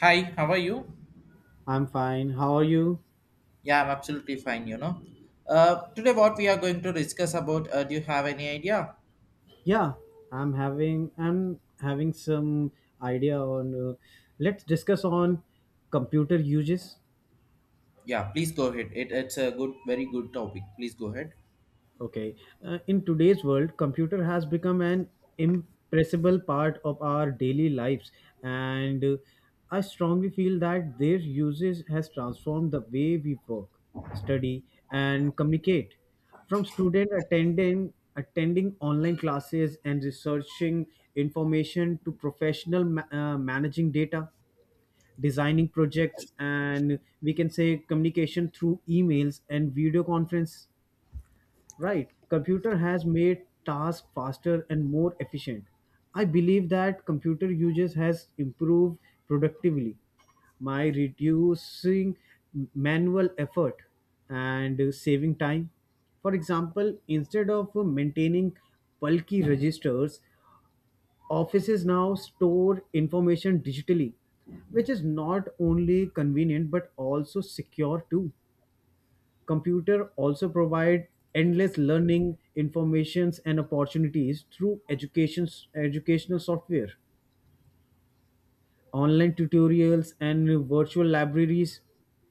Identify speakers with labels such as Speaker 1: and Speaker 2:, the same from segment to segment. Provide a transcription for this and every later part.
Speaker 1: Hi, how are you?
Speaker 2: I'm fine. How are you?
Speaker 1: Yeah, I'm absolutely fine, Today, what we are going to discuss about, do you have any idea?
Speaker 2: Yeah, I'm having some idea on. Let's discuss on computer uses.
Speaker 1: Yeah, please go ahead. It's a good, very good topic. Please go ahead.
Speaker 2: Okay. In today's world, computer has become an impressible part of our daily lives, and I strongly feel that their usage has transformed the way we work, study, and communicate. From student attending online classes and researching information to professional managing data, designing projects, and we can say communication through emails and video conference. Right. Computer has made tasks faster and more efficient. I believe that computer usage has improved productively by reducing manual effort and saving time. For example, instead of maintaining bulky registers, offices now store information digitally, which is not only convenient but also secure too. Computer also provide endless learning, informations and opportunities through education, educational software, online tutorials and virtual libraries.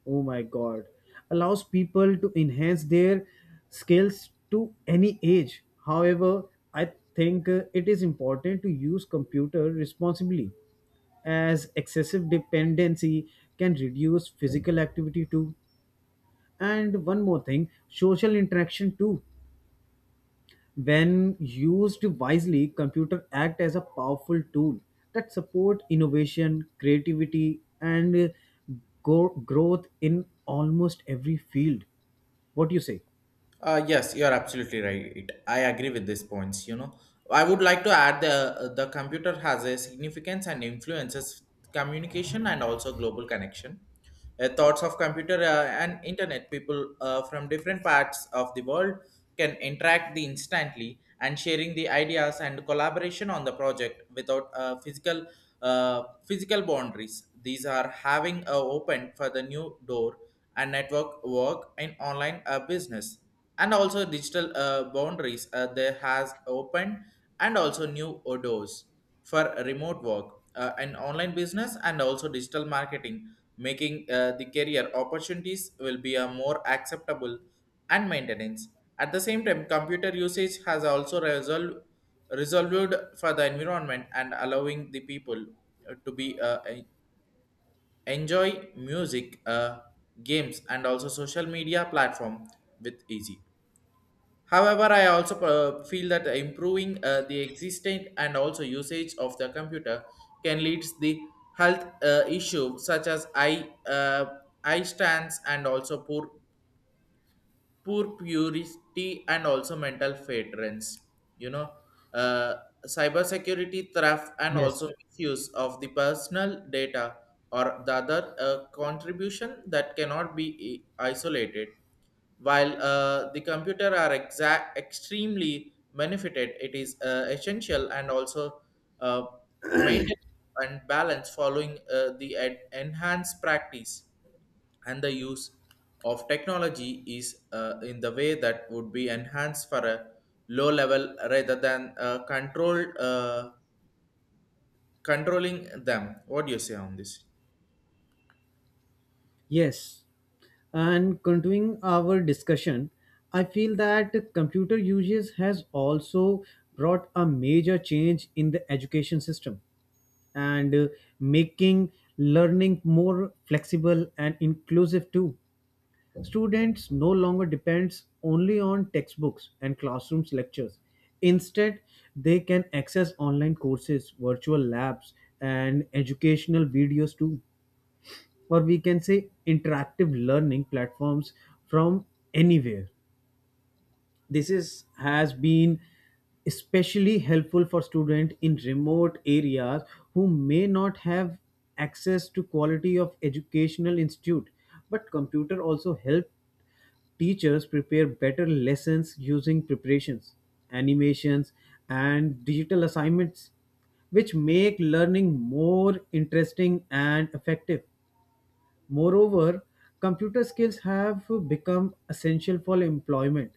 Speaker 2: Oh my god. Allows people to enhance their skills to any age. However, I think it is important to use computer responsibly as excessive dependency can reduce physical activity too, and one more thing, social interaction too. When used wisely, computer act as a powerful tool that support innovation, creativity, and growth in almost every field. What do you say?
Speaker 1: Yes, you're absolutely right. I agree with these points. I would like to add the computer has a significance and influences communication and also global connection. Thoughts of computer and internet people from different parts of the world can interact the instantly and sharing the ideas and collaboration on the project without physical boundaries. These are having opened for the new door and network work in online business and also digital boundaries there has opened and also new doors for remote work and online business and also digital marketing making the career opportunities will be a more acceptable and maintenance at the same time computer usage has also resolved for the environment and allowing the people to enjoy music games and also social media platform with easy. However, I also feel that improving the existing and also usage of the computer can lead the health issue such as eye stands and also poor purity and also mental fadrance. You know, uh, cybersecurity theft and also
Speaker 2: Yes.
Speaker 1: misuse of the personal data or the other contribution that cannot be isolated while the computer are exact extremely benefited, it is essential and also uh, maintain and balance following the enhanced practice and the use of technology is in the way that would be enhanced for a low level rather than controlled controlling them. What do you say on this?
Speaker 2: Yes. And continuing our discussion, I feel that computer uses has also brought a major change in the education system and making learning more flexible and inclusive too. Students no longer depends only on textbooks and classrooms lectures. Instead, they can access online courses, virtual labs, and educational videos too, or we can say interactive learning platforms from anywhere. This is has been especially helpful for students in remote areas who may not have access to quality of educational institute, but computer also help teachers prepare better lessons using preparations, animations, and digital assignments, which make learning more interesting and effective. Moreover, computer skills have become essential for employment,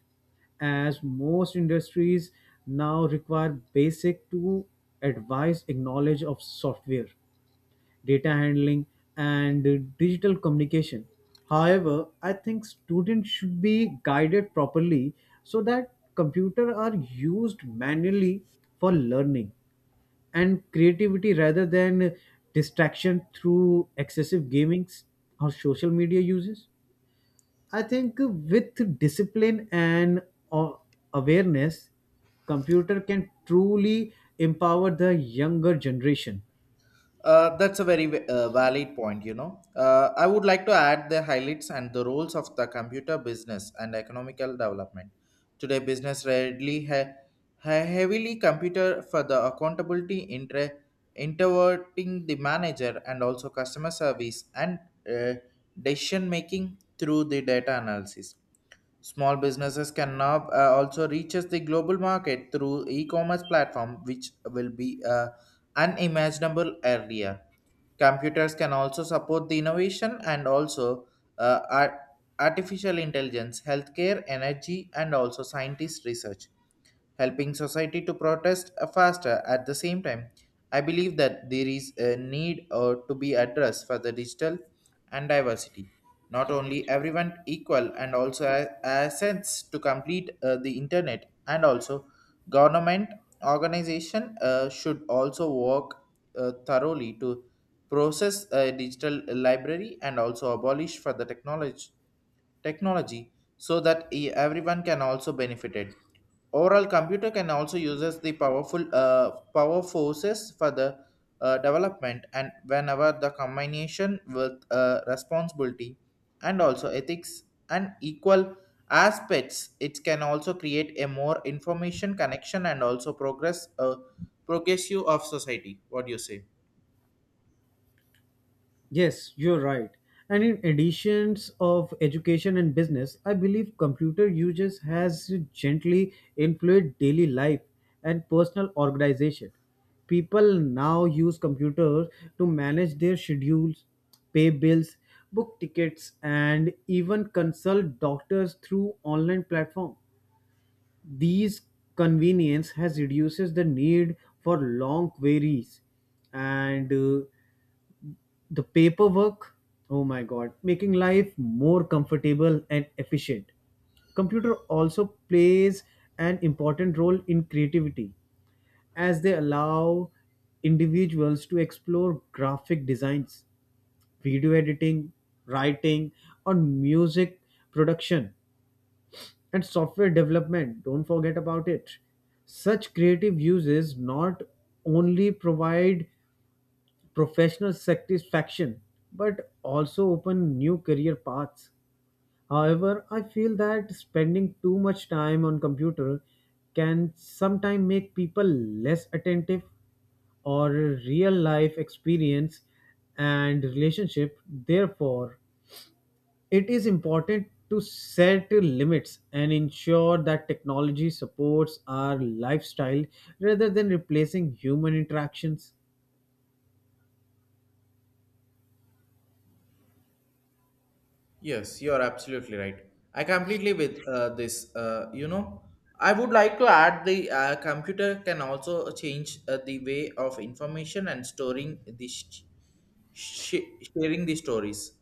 Speaker 2: as most industries now require basic to advanced knowledge of software, data handling, and digital communication. However, I think students should be guided properly so that computers are used manually for learning and creativity rather than distraction through excessive gamings or social media uses. I think with discipline and uh, awareness, computer can truly empower the younger generation.
Speaker 1: That's a very valid point, I would like to add the highlights and the roles of the computer business and economical development. Today, business rarely heavily computer for the accountability interverting the manager and also customer service and uh, decision making through the data analysis. Small businesses can now also reaches the global market through e-commerce platform, which will be unimaginable earlier. Computers can also support the innovation and also uh, ar- artificial intelligence, healthcare, energy, and also scientist research helping society to protest faster at the same time. I believe that there is a need to be addressed for the digital and diversity. Not only everyone equal and also a sense to complete the internet and also government organization should also work thoroughly to process a digital library and also abolish for the technology so that everyone can also benefit it. Overall, computer can also uses the powerful power forces for the development and whenever the combination with responsibility and also ethics and equal aspects, it can also create a more information connection and also progressive of society. What do you say?
Speaker 2: Yes, you're right. And in additions of education and business, I believe computer uses has gently influenced daily life and personal organization. People now use computers to manage their schedules, pay bills, book tickets, and even consult doctors through online platform. These convenience has reduces the need for long queries and the paperwork, oh my god, making life more comfortable and efficient. Computer also plays an important role in creativity as they allow individuals to explore graphic designs, video editing, writing, or music production and software development. Don't forget about it. Such creative uses not only provide professional satisfaction but also open new career paths. However, I feel that spending too much time on computer can sometimes make people less attentive or real life experience and relationship. Therefore, it is important to set limits and ensure that technology supports our lifestyle rather than replacing human interactions.
Speaker 1: Yes, you are absolutely right. I completely with this. I would like to add the computer can also change the way of information and storing the sh- sharing the stories.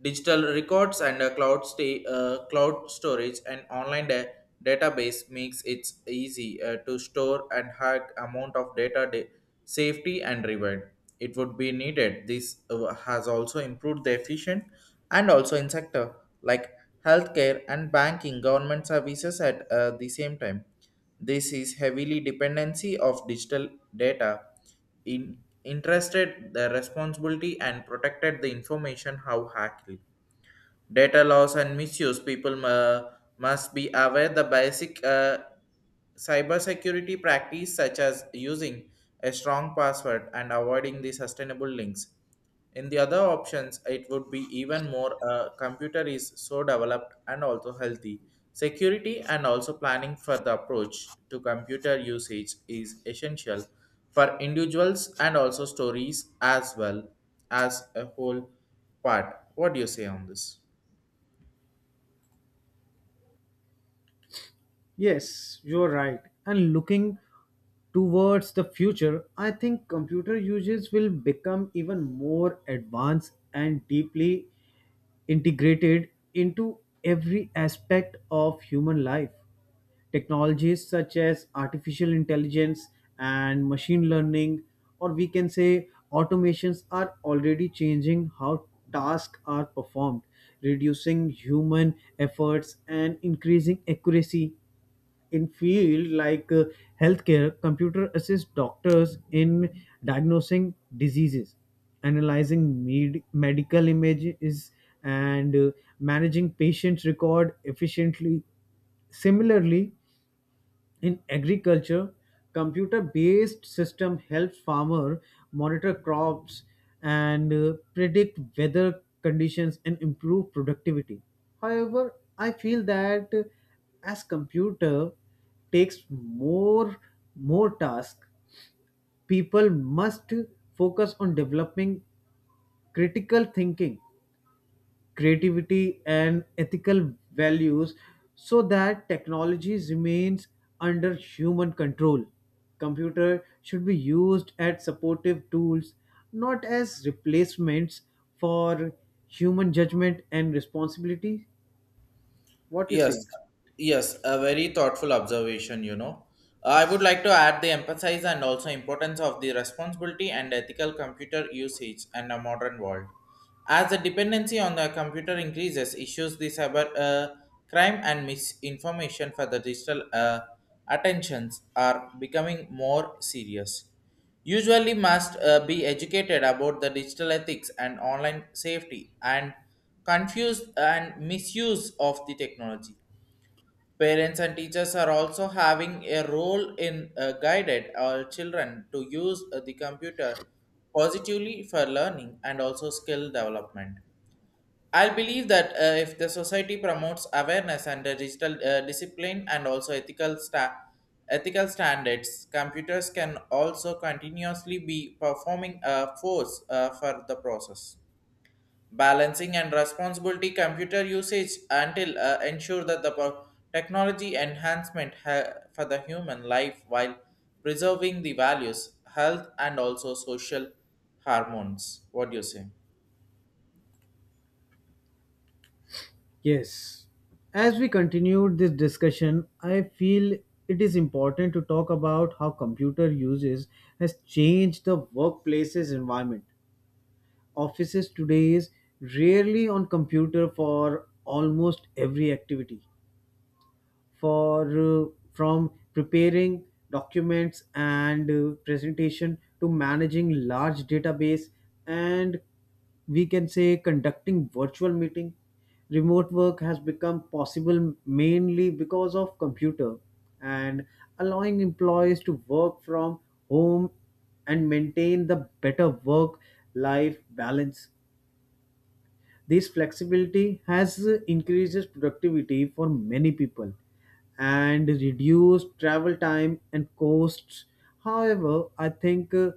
Speaker 1: Digital records and cloud storage and online database makes it easy to store and high amount of data safety and reward. It would be needed. This has also improved the efficient and also in sector like healthcare and banking government services at the same time this is heavily dependency of digital data in interested the responsibility and protected the information how hacked. Data loss and misuse. People must be aware the basic cybersecurity practice such as using a strong password and avoiding the sustainable links. In the other options, it would be even more computer is so developed and also healthy. Security and also planning for the approach to computer usage is essential for individuals and also stories as well as a whole part. What do you say on this?
Speaker 2: Yes, you're right. And looking towards the future, I think computer uses will become even more advanced and deeply integrated into every aspect of human life. Technologies such as artificial intelligence and machine learning, or we can say automations, are already changing how tasks are performed, reducing human efforts and increasing accuracy in field like healthcare. Computer assist doctors in diagnosing diseases, analyzing medical images and managing patients record efficiently. Similarly, in agriculture, computer-based system helps farmer monitor crops and predict weather conditions and improve productivity. However, I feel that as computer takes more tasks, people must focus on developing critical thinking, creativity and ethical values so that technology remains under human control. Computer should be used as supportive tools, not as replacements for human judgment and responsibility. What you
Speaker 1: Yes,
Speaker 2: think?
Speaker 1: yes, a very thoughtful observation, I would like to add the emphasis and also importance of the responsibility and ethical computer usage in a modern world. As the dependency on the computer increases, issues the cyber crime and misinformation for the digital attentions are becoming more serious. Usually, must be educated about the digital ethics and online safety and confused and misuse of the technology. Parents and teachers are also having a role in guided our children to use the computer positively for learning and also skill development. I believe that if the society promotes awareness and digital discipline and also ethical standards, computers can also continuously be performing a force for the process. Balancing and responsibility computer usage until ensure that the technology enhancement for the human life while preserving the values, health, and also social hormones. What do you say?
Speaker 2: Yes. As we continued this discussion, I feel it is important to talk about how computer uses has changed the workplace's environment. Offices today is rarely on computer for almost every activity, for from preparing documents and presentation to managing large database and we can say conducting virtual meeting. Remote work has become possible mainly because of computer and allowing employees to work from home and maintain the better work life balance. This flexibility has increases productivity for many people and reduced travel time and costs. However, I think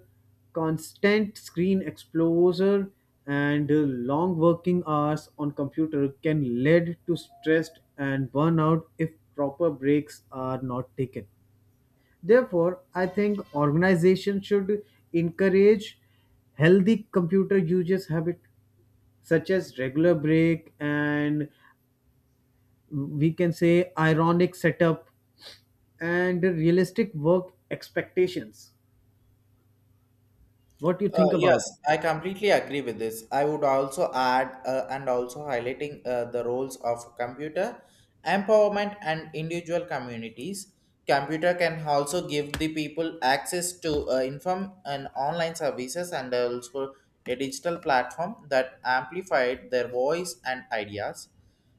Speaker 2: constant screen exposure and long working hours on computer can lead to stress and burnout if proper breaks are not taken. Therefore, I think organizations should encourage healthy computer usage habit such as regular break and we can say ironic setup and realistic work expectations. What do you
Speaker 1: Uh,
Speaker 2: think
Speaker 1: yes,
Speaker 2: about it?
Speaker 1: I completely agree with this. I would also add and also highlighting the roles of computer empowerment and individual communities. Computer can also give the people access to inform and online services and also a digital platform that amplified their voice and ideas.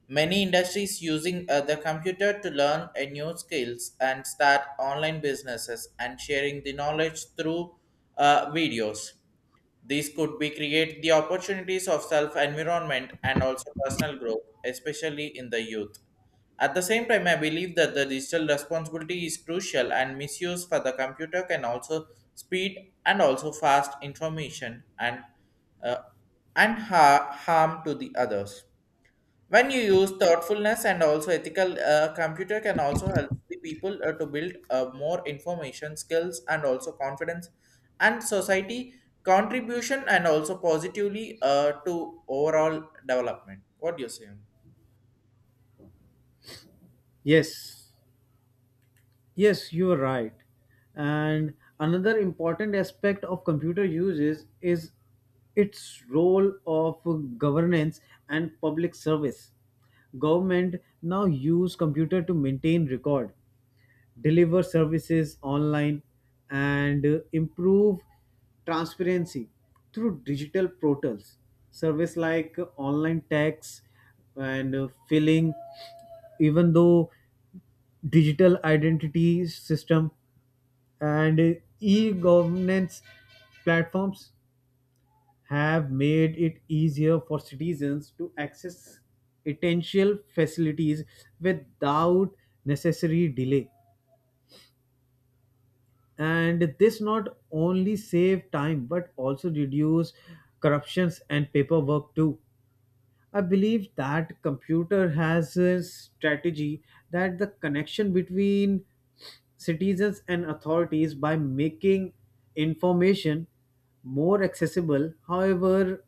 Speaker 1: Many industries using the computer to learn a new skills and start online businesses and sharing the knowledge through videos. These could be create the opportunities of self environment and also personal growth, especially in the youth. At the same time, I believe that the digital responsibility is crucial and misuse for the computer can also speed and also fast information and uh, and harm to the others. When you use thoughtfulness and also ethical, computer can also help the people to build more information skills and also confidence and society contribution and also positively to overall development. What do you say?
Speaker 2: Yes. Yes, you are right. And another important aspect of computer use is its role of governance and public service. Government now use computer to maintain record, deliver services online, and improve transparency through digital portals. Service like online tax and filling, even though digital identity system and e-governance platforms have made it easier for citizens to access essential facilities without necessary delay, and this not only save time but also reduce corruptions and paperwork too. I believe that computer has a strategy that the connection between citizens and authorities by making information more accessible. However,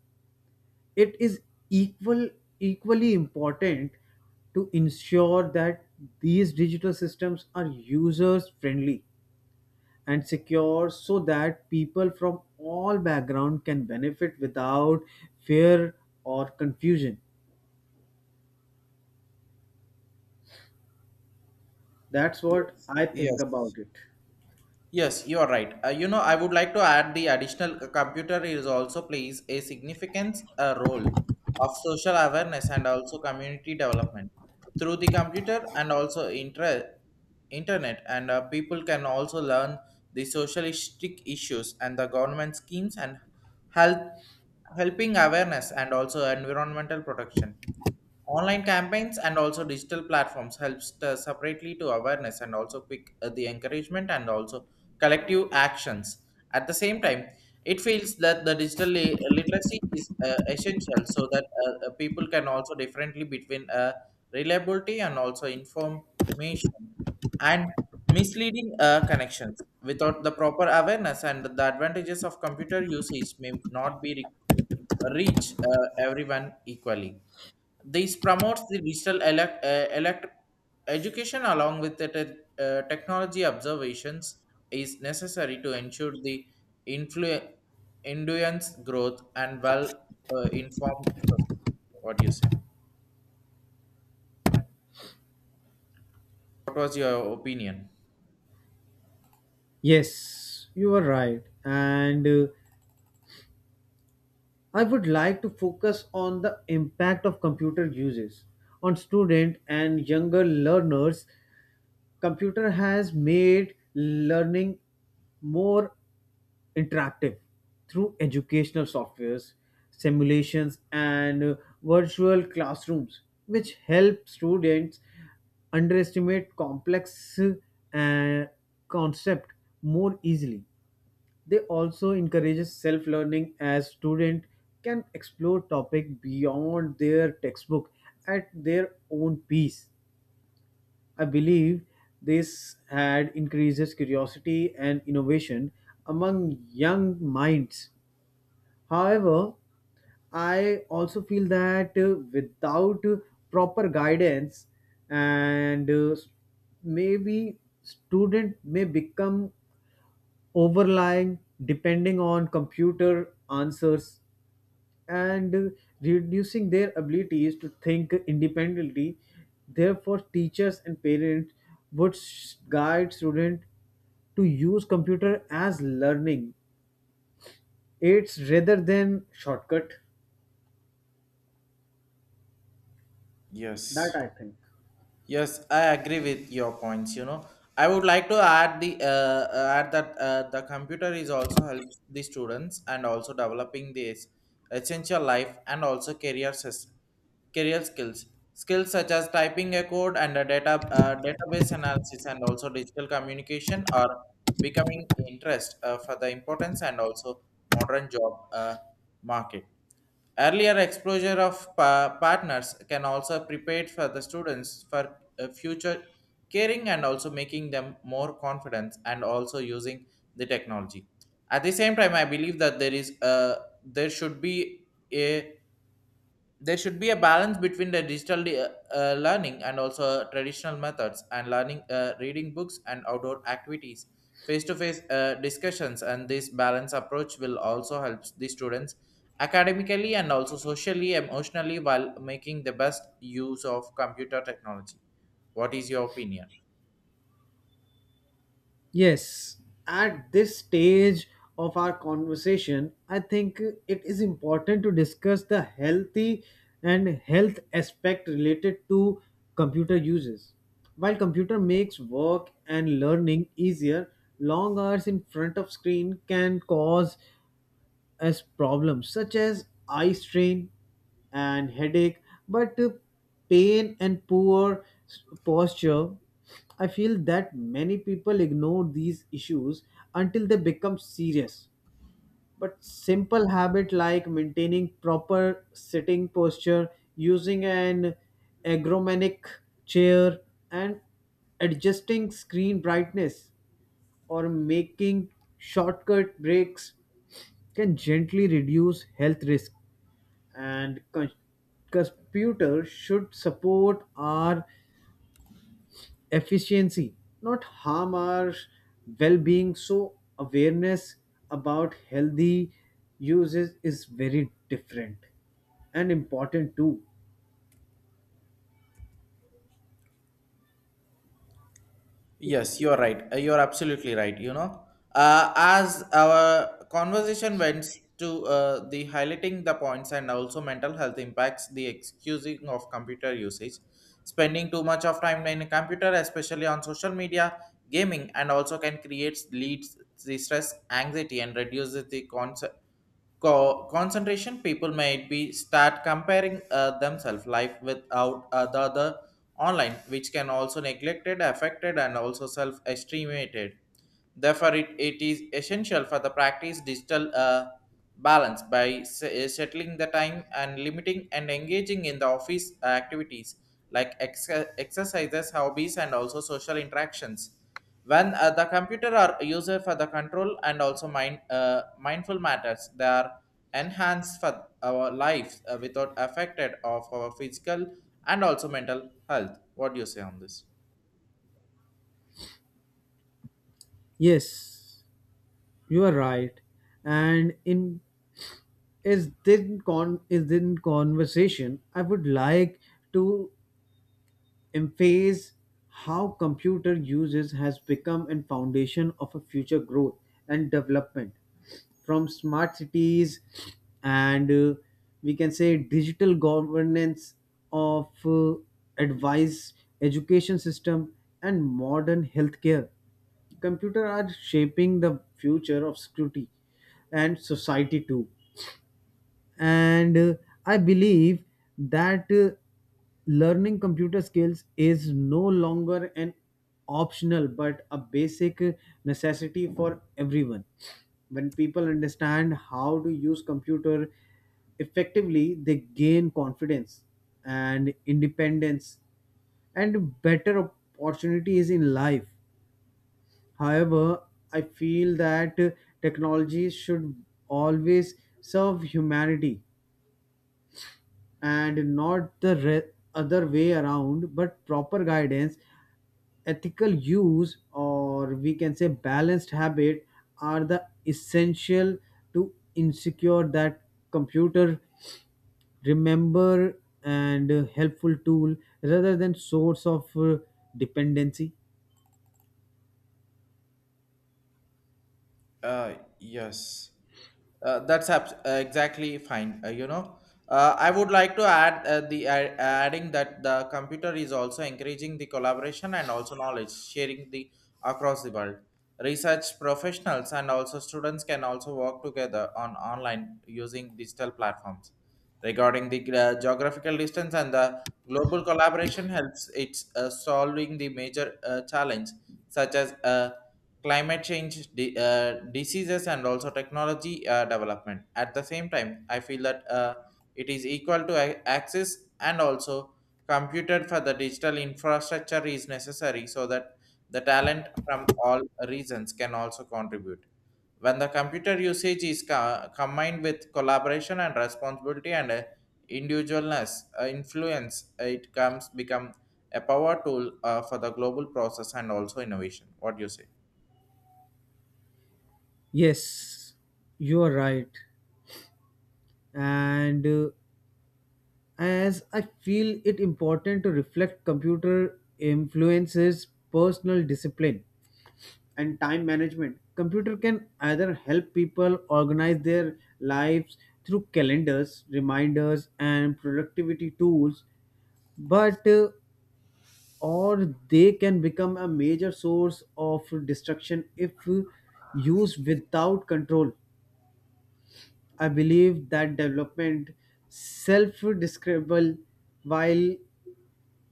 Speaker 2: it is equal equally important to ensure that these digital systems are users friendly and secure so that people from all background can benefit without fear or confusion. That's what
Speaker 1: Yes.
Speaker 2: I think
Speaker 1: Yes.
Speaker 2: about it.
Speaker 1: Yes, you are right. I would like to add the additional computer is also plays a significant role of social awareness and also community development through the computer and also internet and people can also learn the socialistic issues and the government schemes and health helping awareness and also environmental protection. Online campaigns and also digital platforms helps to separately to awareness and also quick the encouragement and also collective actions. At the same time, it feels that the digital literacy is essential so that people can also differently between reliability and also information and misleading connections. Without the proper awareness and the advantages of computer usage may not be reach everyone equally. This promotes the digital elect education along with the technology observations is necessary to ensure the influ- influence growth and well informed. What do you say? What was your opinion?
Speaker 2: Yes, you are right, and I would like to focus on the impact of computer uses on student and younger learners. Computer has made learning more interactive through educational softwares, simulations and virtual classrooms which help students underestimate complex uh, concept more easily. They also encourages self learning as student can explore topic beyond their textbook at their own pace. I believe this had increases curiosity and innovation among young minds. However, I also feel that without proper guidance and maybe student may become overlying depending on computer answers and reducing their abilities to think independently. Therefore, teachers and parents would guide students to use computer as learning aids rather than shortcut. That
Speaker 1: Yes.
Speaker 2: I think.
Speaker 1: Yes, I agree with your points. I would like to add the add that the computer is also helps the students and also developing this essential life and also career career skills skills such as typing a code and a data database analysis and also digital communication are becoming interest for the importance and also modern job market. Earlier exposure of partners can also prepare for the students for future caring and also making them more confident and also using the technology. At the same time, I believe that there is a there should be a there should be a balance between the digital learning and also traditional methods and learning reading books and outdoor activities face to face discussions, and this balance approach will also help the students academically and also socially emotionally while making the best use of computer technology. What is your opinion?
Speaker 2: Yes, at this stage of our conversation, I think it is important to discuss the healthy and health aspect related to computer uses. While computer makes work and learning easier, long hours in front of screen can cause as problems such as eye strain and headache, but pain and poor posture. I feel that many people ignore these issues until they become serious. But simple habit like maintaining proper sitting posture, using an ergonomic chair, and adjusting screen brightness or making shortcut breaks can gently reduce health risk and computers should support our efficiency, not harm our well-being. So awareness about healthy uses is very different and important too.
Speaker 1: Yes, you're right. You're absolutely right. As our conversation went to the highlighting the points and also mental health impacts, the excusing of computer usage, spending too much of time in a computer, especially on social media, gaming, and also can create leads the stress, anxiety, and reduces the concept concentration people might be start comparing themselves life without the other online which can also neglected affected and also self estimated therefore it is essential for the practice digital balance by settling the time and limiting and engaging in the office activities like exercises hobbies and also social interactions when the computer are used for the control and also mindful matters they are enhanced for our lives without affected of our physical and also mental health. What do you say on this?
Speaker 2: Yes, you are right, and in is this conversation I would like to emphasize how computer uses has become a foundation of a future growth and development. From smart cities and we can say digital governance of advice, education system and modern healthcare, computer are shaping the future of security and society too. And I believe that learning computer skills is no longer an optional but a basic necessity for everyone. When people understand how to use computer effectively, they gain confidence and independence and better opportunities in life. However, I feel that technology should always serve humanity and not the other way around, but proper guidance, ethical use, or we can say balanced habit are the essential to ensure that computer remember and helpful tool rather than source of dependency.
Speaker 1: Yes. That's exactly fine. I would like to add the add adding that the computer is also encouraging the collaboration and also knowledge sharing the across the world. Research professionals and also students can also work together on online using digital platforms. Regarding the geographical distance and the global collaboration helps it's solving the major challenge such as climate change, diseases, and also technology development. At the same time, I feel that it is equal to access and also computed for the digital infrastructure is necessary so that the talent from all regions can also contribute. When the computer usage is combined with collaboration and responsibility and individualness, influence, it comes become a power tool for the global process and also innovation. What do you say?
Speaker 2: Yes, you are right, and as I feel it important to reflect computer influences personal discipline and time management. Computer can either help people organize their lives through calendars, reminders and productivity tools, but or they can become a major source of destruction if used without control. I believe that development self describable while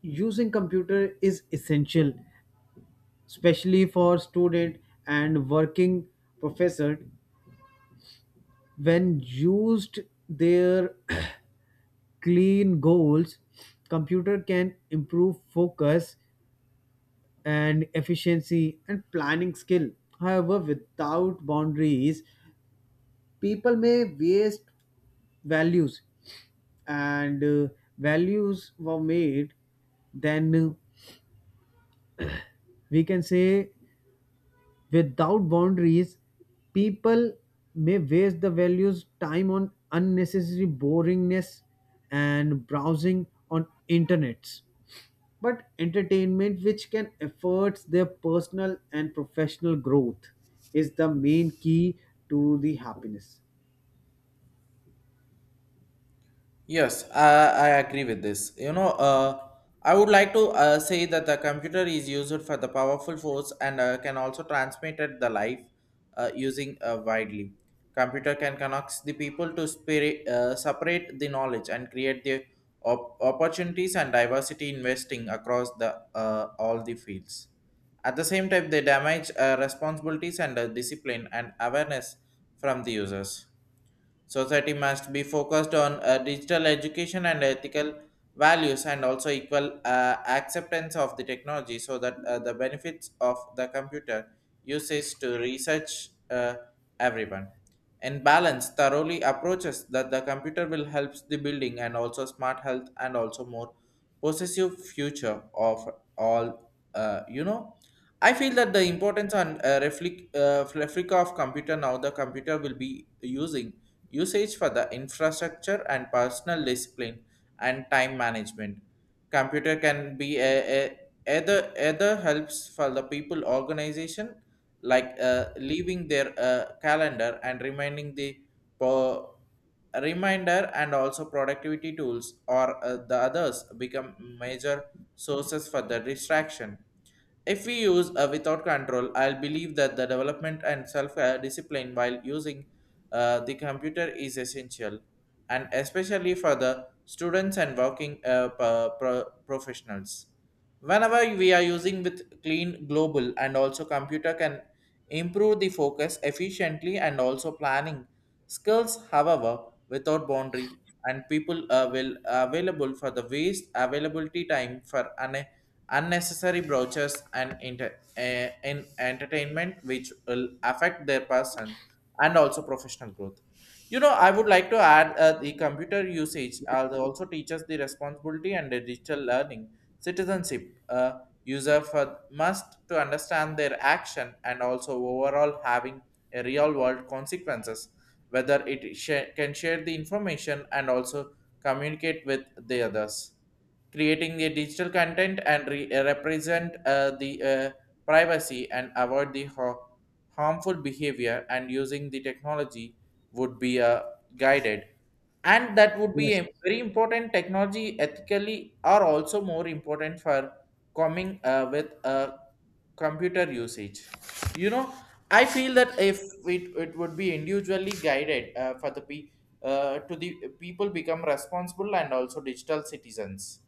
Speaker 2: using computer is essential, especially for student and working professor. When used their clean goals, computer can improve focus and efficiency and planning skill. However, without boundaries, people may waste values and values were made, then we can say, without boundaries, people may waste the values time on unnecessary boringness and browsing on internets. But entertainment which can afford their personal and professional growth is the main key to the happiness.
Speaker 1: Yes, I agree with this. I would like to say that the computer is used for the powerful force and can also transmit it the life using widely. Computer can connect the people to spirit, separate the knowledge and create the opportunities and diversity investing across the all the fields. At the same time, they damage responsibilities and discipline and awareness from the users. Society must be focused on digital education and ethical values and also equal acceptance of the technology so that the benefits of the computer usage to research everyone. In balance, thoroughly approaches that the computer will help the building and also smart health and also more possessive future of all, I feel that the importance on reflect replica of computer now the computer will be using usage for the infrastructure and personal discipline and time management. Computer can be a either helps for the people organization like leaving their calendar and reminding the po- reminder and also productivity tools or the others become major sources for the distraction if we use without control. I'll believe that the development and self discipline while using the computer is essential, and especially for the students and working professionals. Whenever we are using with clean global and also computer can improve the focus efficiently and also planning skills, however, without boundary and people will available for the waste availability time for an unnecessary brochures and inter- eh, in entertainment which will affect their person and also professional growth. You know, I would like to add the computer usage
Speaker 2: Yes.
Speaker 1: also teaches the responsibility and the digital learning citizenship, user for, must to understand their action and also overall having a real world consequences whether can share the information and also communicate with the others creating the digital content and represent the privacy and avoid the harmful behavior and using the technology would be a guided, and that would be
Speaker 2: Yes.
Speaker 1: a very important technology ethically are also more important for coming with a computer usage. You know, I feel that if it would be individually guided to the people become responsible and also digital citizens.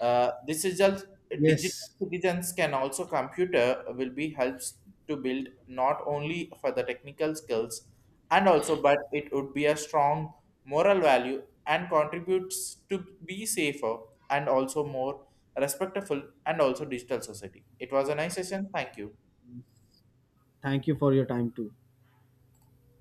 Speaker 1: This is just digital
Speaker 2: Yes.
Speaker 1: citizens can also computer will be helps to build not only for the technical skills and also but it would be a strong moral value and contributes to be safer and also more respectful and also digital society. It was a nice session. Thank you.
Speaker 2: Thank you for your time too.